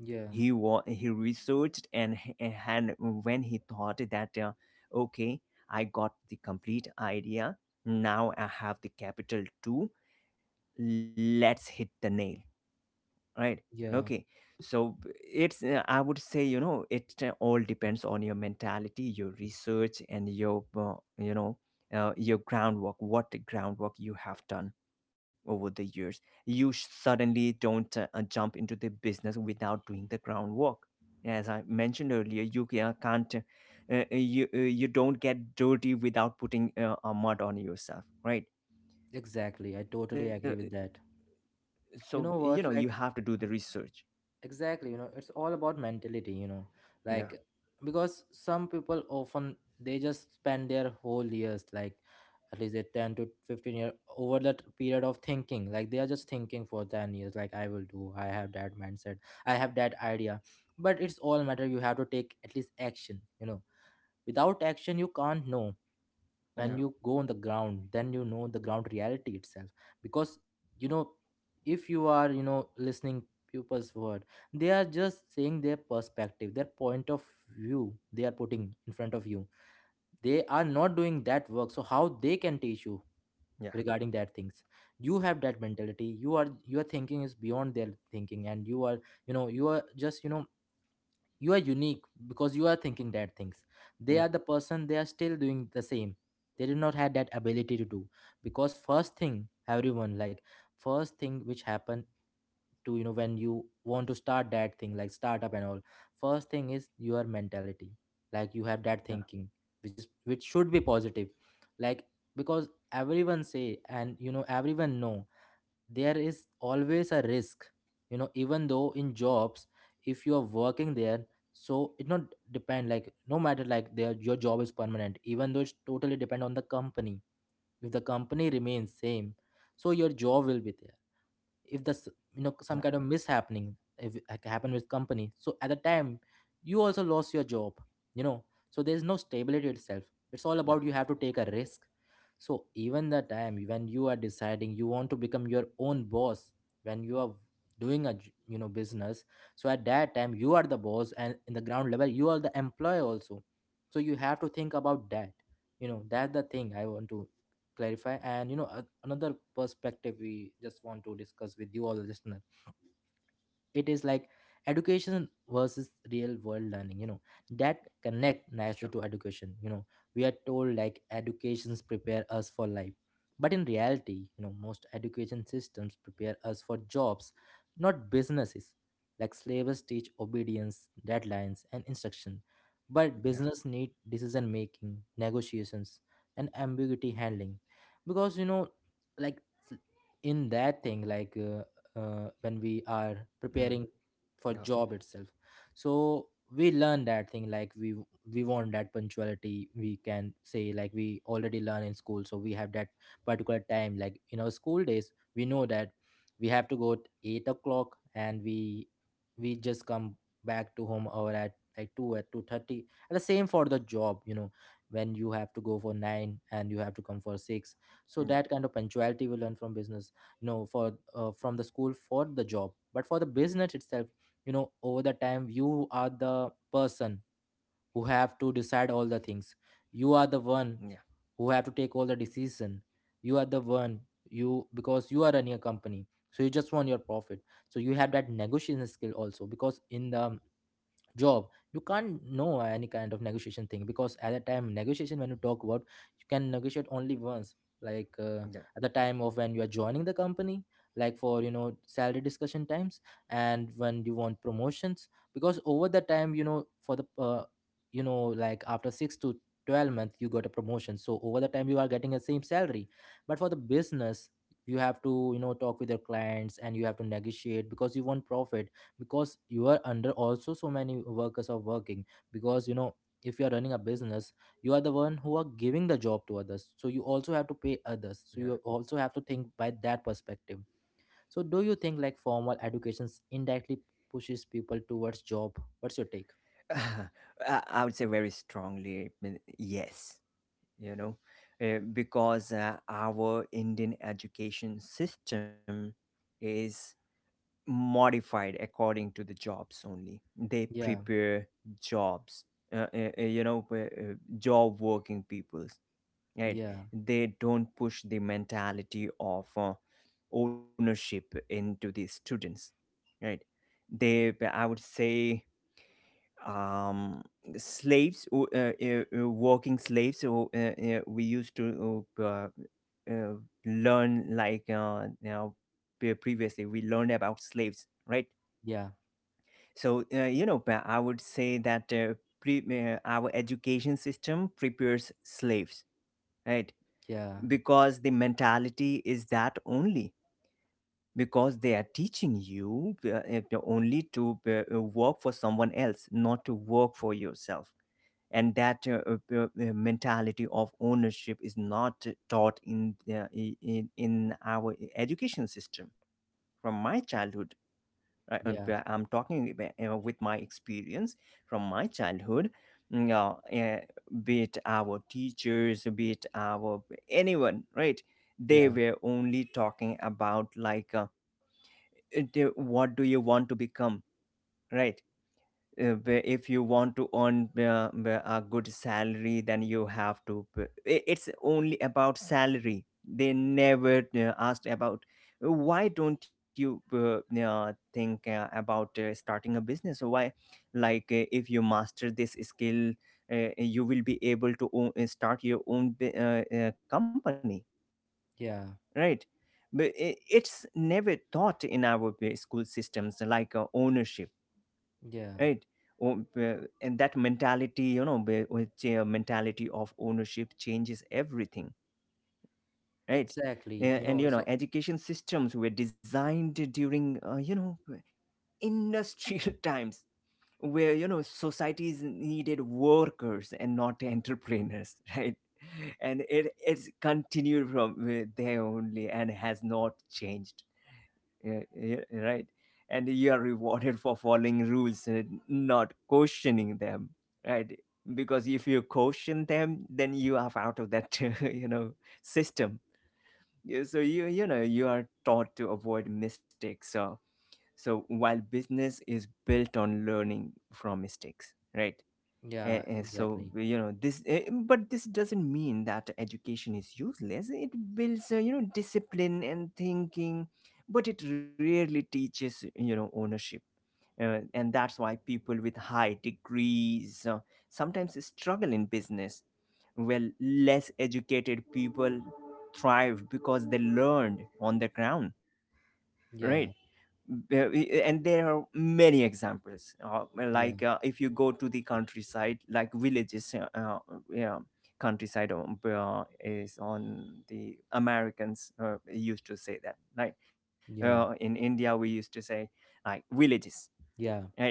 yeah,
he wa- He researched, and and when he thought that, uh, okay, I got the complete idea, now I have the capital to, let's hit the nail, right?
yeah,
Okay. So it's uh, I would say, you know, it uh, all depends on your mentality, your research, and your, uh, you know uh, your groundwork, what groundwork you have done over the years. You sh- suddenly don't uh, uh, jump into the business without doing the groundwork. As I mentioned earlier, you ca- uh, can't uh, uh, you uh, you don't get dirty without putting uh, a mud on yourself, right?
exactly, I
uh, uh,
totally agree with that.
so,
You know
you know,
what,
you have
like,
to do the research.
exactly, you know, it's all about mentality, you know,
Yeah,
like. Because some people often they just spend their whole years like at least a ten to fifteen year over that period of thinking, like they are just thinking for ten years like I will do, I have that mindset, I have that idea. But it's all matter, you have to take at least action, you know, without action you can't know. When
yeah,
you go on the ground then you know the ground reality itself, because you know if you are you know listening people's word, they are just saying their perspective, their point of view, they are putting in front of you, they are not doing that work, so how they can teach you
yeah.
regarding that things. You have that mentality, you are your thinking is beyond their thinking and you are, you know, you are just, you know, you are unique, because you are thinking that things, they
Yeah,
are the person they are still doing the same, they did not have that ability to do. Because first thing everyone like, first thing which happened to you know when you want to start that thing like startup and all, first thing is your mentality, like you have that
yeah,
thinking which is which should be positive. Like, because everyone say, and you know, everyone know there is always a risk, you know. Even though in jobs, if you are working there, so it not depend like no matter like their your job is permanent, even though it's totally depend on the company. If the company remains same, so your job will be there. If there's you
yeah,
know some kind of mishappening, if it ha- happen with company, so at the time you also lost your job, you know. So there's no stability itself, it's all
yeah,
about you have to take a risk. So even the time when you are deciding you want to become your own boss, when you are doing a j- you know business, so at that time you are the boss and in the ground level you are the employee also. So you have to think about that. You know, that's The thing I want to clarify. And you know a- another perspective, we just want to discuss with you all, listener. It is like education versus real world learning, you know, that connect nicely
sure.
to education, you know. We are told like educations prepare us for life, but in reality, you know, most education systems prepare us for jobs, not businesses. Like slavers teach obedience, deadlines and instruction, but
Yeah.
business need decision making, negotiations and ambiguity handling. Because you know, like s- in that thing like uh, uh, when we are
Mm.
preparing
Yeah,
for job itself. So we learn that thing like we we want that punctuality. We can say like we already learn in school, so we have that particular time. Like in our school days, we know that we have to go at eight o'clock, and we we just come back to home or at like two, at two thirty, and the same for the job, you know, when you have to go for nine and you have to come for six. So
yeah,
that kind of punctuality we learn from business. No, for uh, from the school for the job, but for the business itself, you know, over the time you are the person who have to decide all the things. You are the one
yeah,
who have to take all the decision. You are the one, you, because you are running a company, so you just want your profit. So you have that negotiation skill also, because in the job you can't know any kind of negotiation thing, because at that time negotiation, when you talk about, you can negotiate only once. Like uh,
yeah,
at the time of when you are joining the company, like for you know salary discussion times, and when you want promotions. Because over the time you know for the uh, you know like after six to twelve months you got a promotion, so over the time you are getting the same salary. But for the business, you have to you know talk with your clients, and you have to negotiate because you want profit. Because you are under, also so many workers are working, because you know if you are running a business, you are the one who are giving the job to others, so you also have to pay others, so you
yeah.
also have to think by that perspective. So do you think like formal education indirectly pushes people towards job? What's your take?
I I would say very strongly, mm, yes, you know, uh, because uh, our Indian education system is modified according to the jobs only. They
Yeah,
prepare jobs, uh, uh, uh, you know, uh, uh, job working peoples, right?
yeah,
They don't push the mentality of uh, ownership into the students, right? They, I would say, um slaves, uh, uh, uh, working slaves. So uh, uh, we used to uh, uh, uh, learn, like, uh, you know, pre- previously we learned about slaves, right?
yeah,
So uh, you know but I would say that, uh, pre- uh, our education system prepares slaves, right?
yeah,
Because the mentality is that only. Because they are teaching you uh, uh, only to uh, uh, work for someone else, not to work for yourself, and that uh, uh, uh, uh, mentality of ownership is not taught in, the, in in our education system, from my childhood. I- um, p-
yeah,
I'm talking ab- uh, with my experience from my childhood. mm, Uh, uh, be it our teachers, be it our anyone, right? They
yeah,
were only talking about, like, uh, it- they- what do you want to become, right? Uh, where if you want to earn uh, uh, a good salary, then you have to, p- i- it's only about salary. They never uh, asked about, uh, why don't you uh, uh, think uh, about uh, starting a business? Or why, like, uh, if you master this skill, uh, you will be able to own, uh, start your own bu- uh, uh, company,
yeah,
right? But i- it's never taught in our uh, school systems, like uh, ownership,
yeah,
right? O- uh, and that mentality, you know, where- which uh, mentality of ownership changes everything, right?
exactly,
Uh,
you know,
and, you
it's so.
know, education systems were designed during, uh, you know, industrial times, where, you know, societies needed workers and not entrepreneurs, right? And it it's continued from uh, there only and has not changed. Yeah, yeah, right. And you are rewarded for following rules and not questioning them, right? Because if you question them, then you are out of that, you know, system. Yeah. So you you know you are taught to avoid mistakes. So so while business is built on learning from mistakes, right? And,
Yeah,
and so
exactly.
you know this, eh, eh, but this doesn't mean that education is useless. It builds, uh, you know, discipline and thinking, but it rarely teaches, you know ownership. Uh, and that's why people with high degrees uh, sometimes struggle in business. Well, less educated people thrive because they learned on the ground, right?
Yeah,
Ve- and there are many examples, uh, like
yeah,
uh, if you go to the countryside, like villages, uh, uh, yeah, countryside on- uh, is on the Americans uh, used to say that, like, uh, in
yeah,
India we used to say, like, villages,
yeah,
right?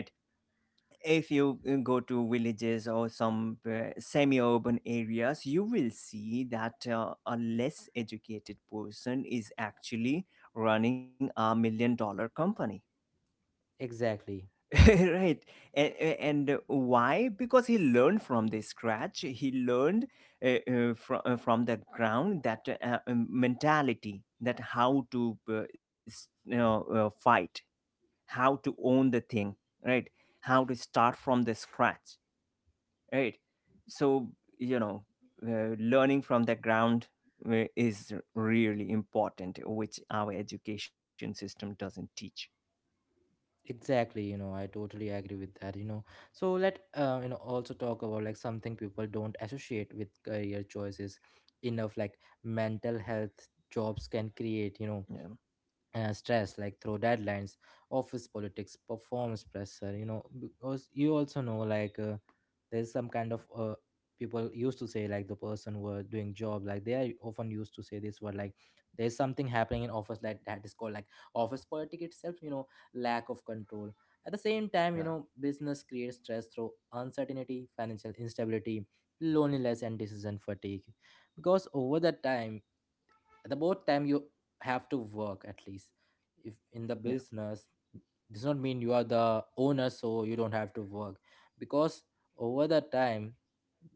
If you uh, go to villages or some uh, semi-urban areas, you will see that uh, a less educated person is actually running a million dollar company,
exactly.
right? And, and why? Because he learned from the scratch. He learned, uh, uh, from, uh, from the ground, that uh, um, mentality, that how to uh, s- you know, uh, fight, how to own the thing, right? How to start from the scratch, right? So, you know, uh, learning from the ground uh, is really important, which our education system doesn't teach.
Exactly, you know, I totally agree with that, you know. So let uh, you know also talk about like something people don't associate with career choices enough, like mental health. Jobs can create, you know,
Yeah.
uh, stress, like through deadlines, office politics, performance pressure, you know, because you also know like uh, there's some kind of uh, people used to say like the person who are doing job, like they are often used to say this word like there's something happening in office like that is called like office politics itself, you know. Lack of control. At the same time, you know, business creates stress through uncertainty, financial instability, loneliness and decision fatigue. Because over the time, at the both time you have to work at least. If in the business does not mean you are the owner, so you don't have to work. Because over the time,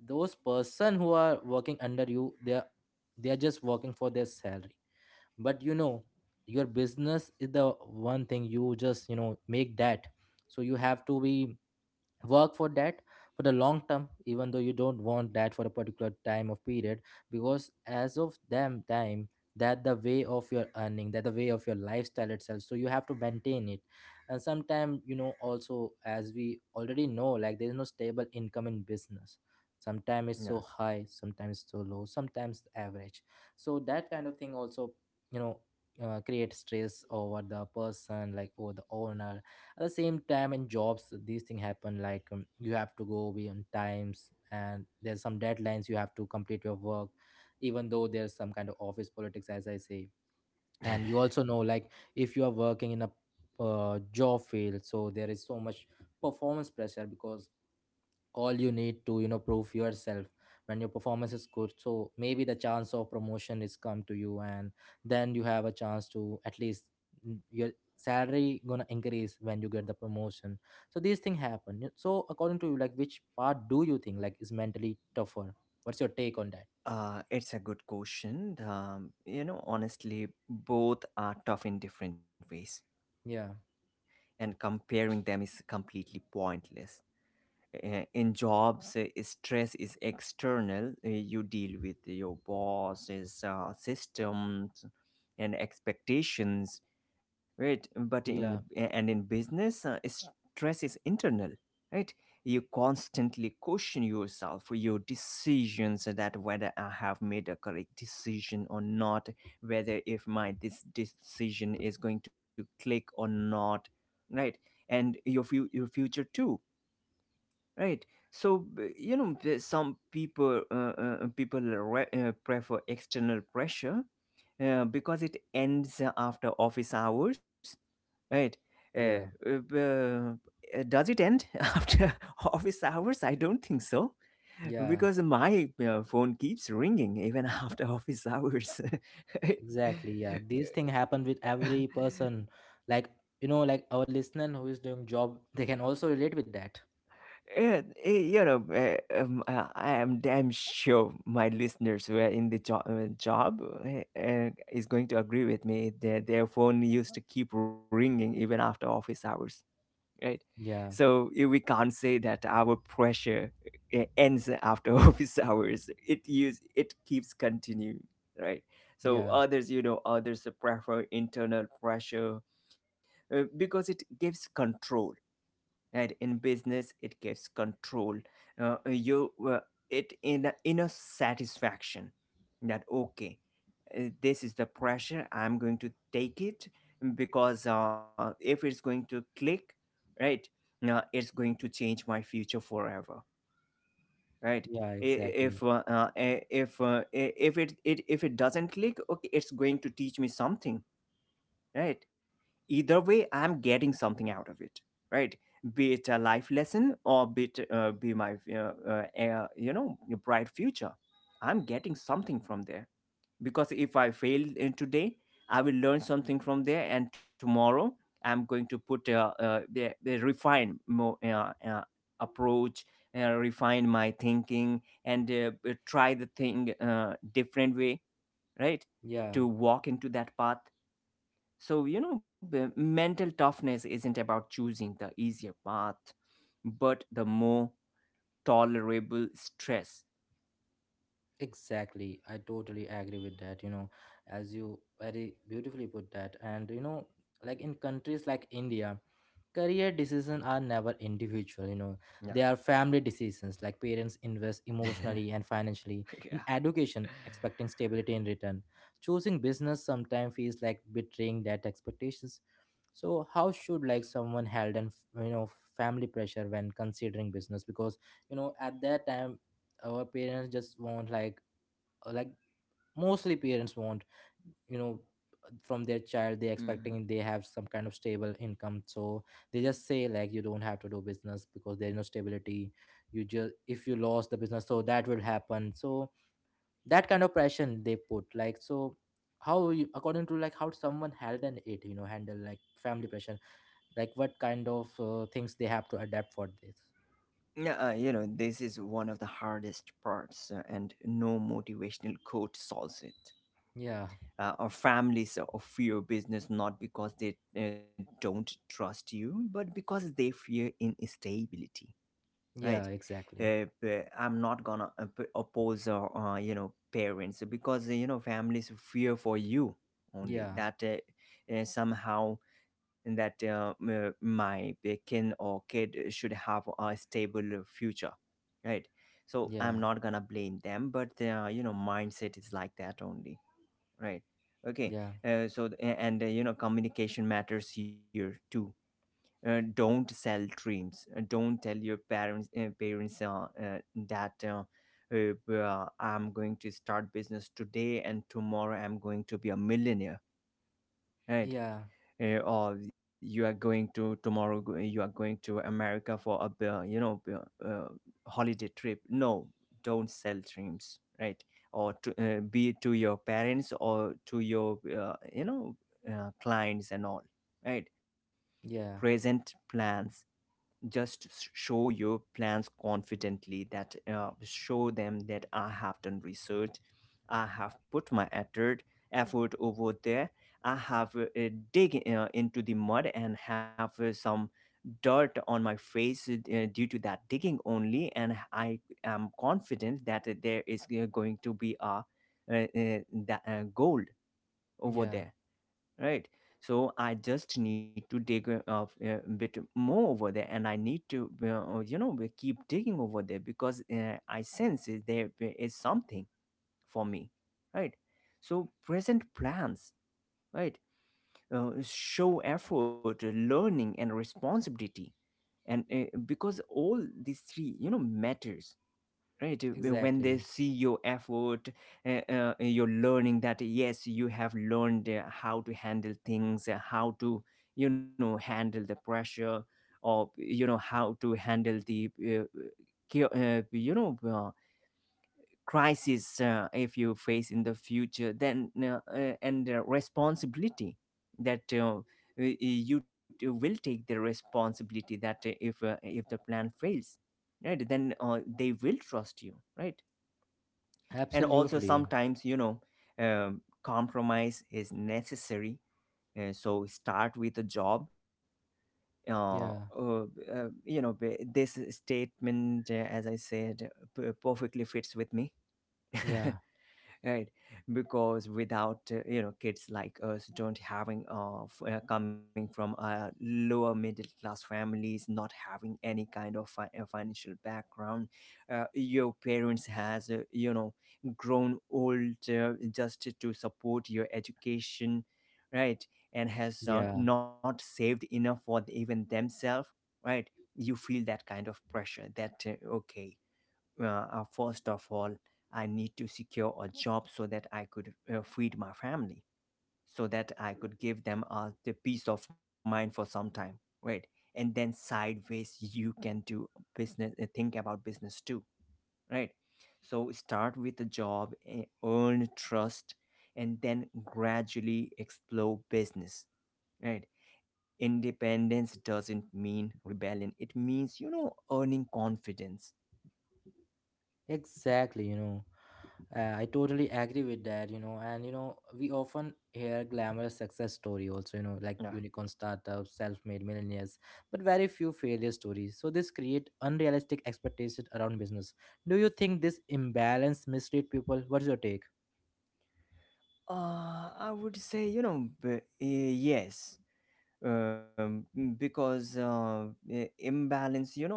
those person who are working under you, they are they are just working for their salary. But you know, your business is the one thing you just you know make that. So you have to be work for that for the long term, even though you don't want that for a particular time of period. Because as of them time, that the way of your earning, that the way of your lifestyle itself, so you have to maintain it. And sometimes, you know, also as we already know like there is no stable income in business. Sometimes it's so high, sometimes so low, sometimes average. So that kind of thing also, you know, uh, create stress over the person, like over the owner. At the same time in jobs these things happen, like um, you have to go beyond times and there's some deadlines you have to complete your work. Even though there's some kind of office politics as I say. And you also know like if you are working in a uh, job field, so there is so much performance pressure, because all you need to you know prove yourself. When your performance is good, so maybe the chance of promotion is come to you, and then you have a chance to at least mm, your salary gonna increase when you get the promotion. So these things happen. Y- so according to you, like which part do you think like is mentally tougher? What's your take on that?
Uh, it's a good question. Um, you know, honestly, both are tough in different ways,
Yeah,
and comparing them is completely pointless. Uh, in jobs uh, stress is external. Uh, you deal with your bosses, uh, systems and expectations, right? But in eh,
yeah,
and in business uh, stress is internal, right? You constantly question yourself for your decisions, that whether I have made a correct decision or not, whether if my this decision is going to click or not, right? And your, fu- your future too, right? So b- you know the- some people uh, uh, people re- uh, prefer external pressure, uh, because it ends after office hours, right? uh,
yeah,
uh, uh, uh, does it end after office hours? I don't think so,
yeah,
because my uh, phone keeps ringing even after office hours.
exactly. Yeah, these things happen with every person, like you know like our listener who is doing job they can also relate with that.
Yeah, eh, you know, eh, um, uh, I am damn sure my listeners who are in the job, uh, job eh, eh, is going to agree with me that their phone used to keep ringing even after office hours, right?
Yeah,
So eh, we can't say that our pressure eh, ends after office hours. It use it keeps continuing, right? So
yeah.
others, you know, others prefer internal pressure, uh, because it gives control, and in business it gives control. Uh, uh, you uh, It in a inner satisfaction that okay, uh, this is the pressure I'm going to take it, because uh, if it's going to click, right, uh, it's going to change my future forever, right.
Yeah,
I- if
exactly.
uh, uh, if uh, if it, it if it doesn't click, okay, it's going to teach me something, right? Either way, I'm getting something out of it, right? Be it a life lesson or be it uh, be my uh, uh, uh, you know, bright future. I'm getting something from there, because if I fail in today, I will learn something from there, and tomorrow I'm going to put uh, uh, the, the refine more uh, uh, approach, uh, refine my thinking, and uh, uh, try the thing uh, different way, right?
Yeah,
To walk into that path. So, you know, b- mental toughness isn't about choosing the easier path, but the more tolerable stress.
exactly. I totally agree with that, you know, as you very beautifully put that. And, you know, like in countries like India, career decisions are never individual, you know,
Yeah.
they are family decisions. Like parents invest
Yeah.
emotionally and financially in education, expecting stability in return. Choosing business sometimes feels like betraying that expectations. So how should like someone held and you know family pressure when considering business? Because you know at that time our parents just want, like uh, like mostly parents want, you know, from their child they
Mhm.
expecting they have some kind of stable income. So they just say like you don't have to do business because there's no stability. You just if you lost the business so that will happen. So that kind of pressure they put like. So how you, according to like how someone handle it, you know, handle like family pressure, like what kind of uh, things they have to adapt for this?
Yeah, uh, you know, this is one of the hardest parts, uh, and no motivational quote solves it.
Yeah,
Uh, our families uh, fear business not because they uh, don't trust you, but because they fear instability, right?
yeah, exactly.
uh, uh, I'm not gonna op- oppose uh, uh, you know, parents, because you know, families fear for you, only
Yeah,
that uh, uh, somehow that uh, m- my uh, kin or kid should have a stable future, right? So I'm
yeah,
not gonna blame them, but uh, you know, mindset is like that only, right? Okay.
yeah.
uh, so th- a- and uh, You know, communication matters here too. Uh, don't sell dreams. Uh, don't tell your parents, uh, parents uh, uh, that uh, uh, uh, I'm going to start business today and tomorrow I'm going to be a millionaire, right?
Yeah,
Uh, or you are going to tomorrow go- you are going to America for a b- uh, you know, uh, uh, holiday trip. No, don't sell dreams, right? Or to, uh, be it to your parents or to your uh, you know, uh, clients and all, right?
yeah,
Present plans. Just s- show your plans confidently, that uh, show them that I have done research, I have put my effort, effort over there. I have uh, uh, dig uh, into the mud and have uh, some dirt on my face uh, due to that digging only, and I am confident that there is uh, going to be a uh, uh, that, uh, gold over
yeah,
there, right? So I just need to dig a uh, a bit more over there, and I need to uh, uh, you know, we keep digging over there, because uh, I sense it- there is something for me, right? So present plans, right. Uh, show effort, learning and responsibility, and uh, because all these three, you know, matters, right? Uh, uh, when they
exactly.
see your effort, uh, uh, uh, your learning, that yes, you have learned uh, how to handle things, uh, how to, you know, handle the pressure, or you know, how to handle the uh, chao- uh, you know, uh, crisis, uh, if you face in the future, then uh, uh, and uh, responsibility, that uh, y- you t- will take the responsibility, that uh, if uh, if the plan fails, right, then uh, they will trust you, right? And also,
Absolutely.
sometimes you know, um, compromise is necessary, and so start with a job. uh, uh,
Yeah,
uh, you know, b- this statement, uh, as I said, p- perfectly fits with me.
yeah,
Right, because without uh, you know, kids like us don't having uh, f- uh, coming from uh, lower middle class families, not having any kind of fi- uh, financial background. Uh, your parents has uh, you know, grown old uh, just to support your education, right, and has uh,
yeah,
not saved enough for even themselves, right. You feel that kind of pressure, that uh, okay, uh, uh, first of all, I need to secure a job so that I could uh, feed my family, so that I could give them uh, the peace of mind for some time, right? And then sideways, you can do business, uh, think about business too, right? So start with a job, eh, earn trust, and then gradually explore business, right? Independence doesn't mean rebellion. It means, you know, earning confidence.
exactly. You know, uh, I totally agree with that, you know, and you know, we often hear glamorous success story also, you know, like
Yeah.
unicorn startups, self-made millionaires, but very few failure stories. So this create unrealistic expectations around business. Do you think this imbalance mislead people? What's your take?
Uh, I would say, you know, b- eh, yes, um, mm, because uh, eh, imbalance, you know,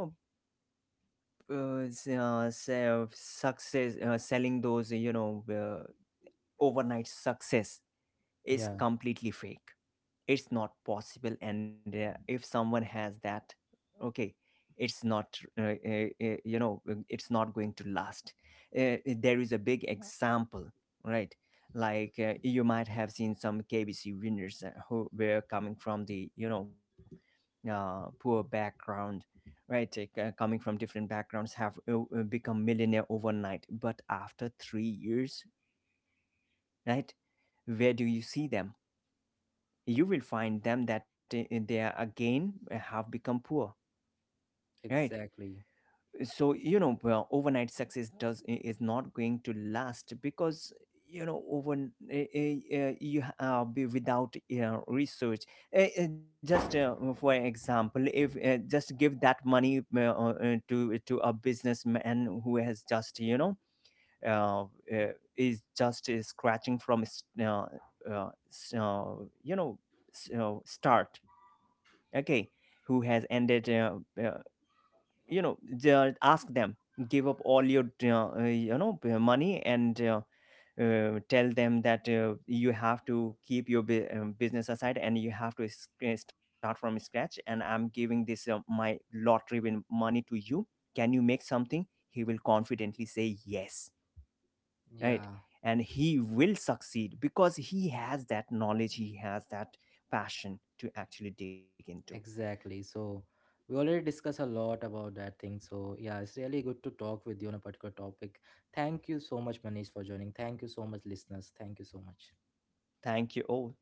uh, s- uh, se- success, uh, selling those, you know, uh, overnight success is
Yeah,
completely fake. It's not possible, and uh, if someone has that, okay, it's not uh, uh, uh, you know, uh, it's not going to last. Uh, there is a big example, right. Like uh, you might have seen some KBC winners uh, who were coming from the, you know, uh, poor background, right, uh, c- coming from different backgrounds, have uh, uh, become millionaire overnight, but after three years, right, where do you see them? You will find them that i- they are again uh, have become poor, right?
exactly.
So you know, well, overnight success does is not going to last, because you know, over eh, eh, eh, you ha- uh, be without uh, research. Eh, eh, just uh, for example, if uh, just give that money uh, uh, uh, to to a businessman who has just, you know, uh, uh, is just uh, scratching from s- uh, uh, s- uh, you know, s- uh, start, okay, who has ended uh, uh, you know, ju- ask them, give up all your uh, uh, you know, p- money, and uh, uh, tell them that uh, you have to keep your bu- um, business aside, and you have to sc- uh, start from scratch, and I'm giving this uh, my lottery win money to you. Can you make something? He will confidently say yes, right.
Yeah.
And he will succeed, because he has that knowledge, he has that passion to actually dig into.
Exactly. So we already discussed a lot about that thing. So yeah, it's really good to talk with you on a particular topic. Thank you so much, Manish, for joining. Thank you so much, listeners. Thank you so much.
Thank you. Oh.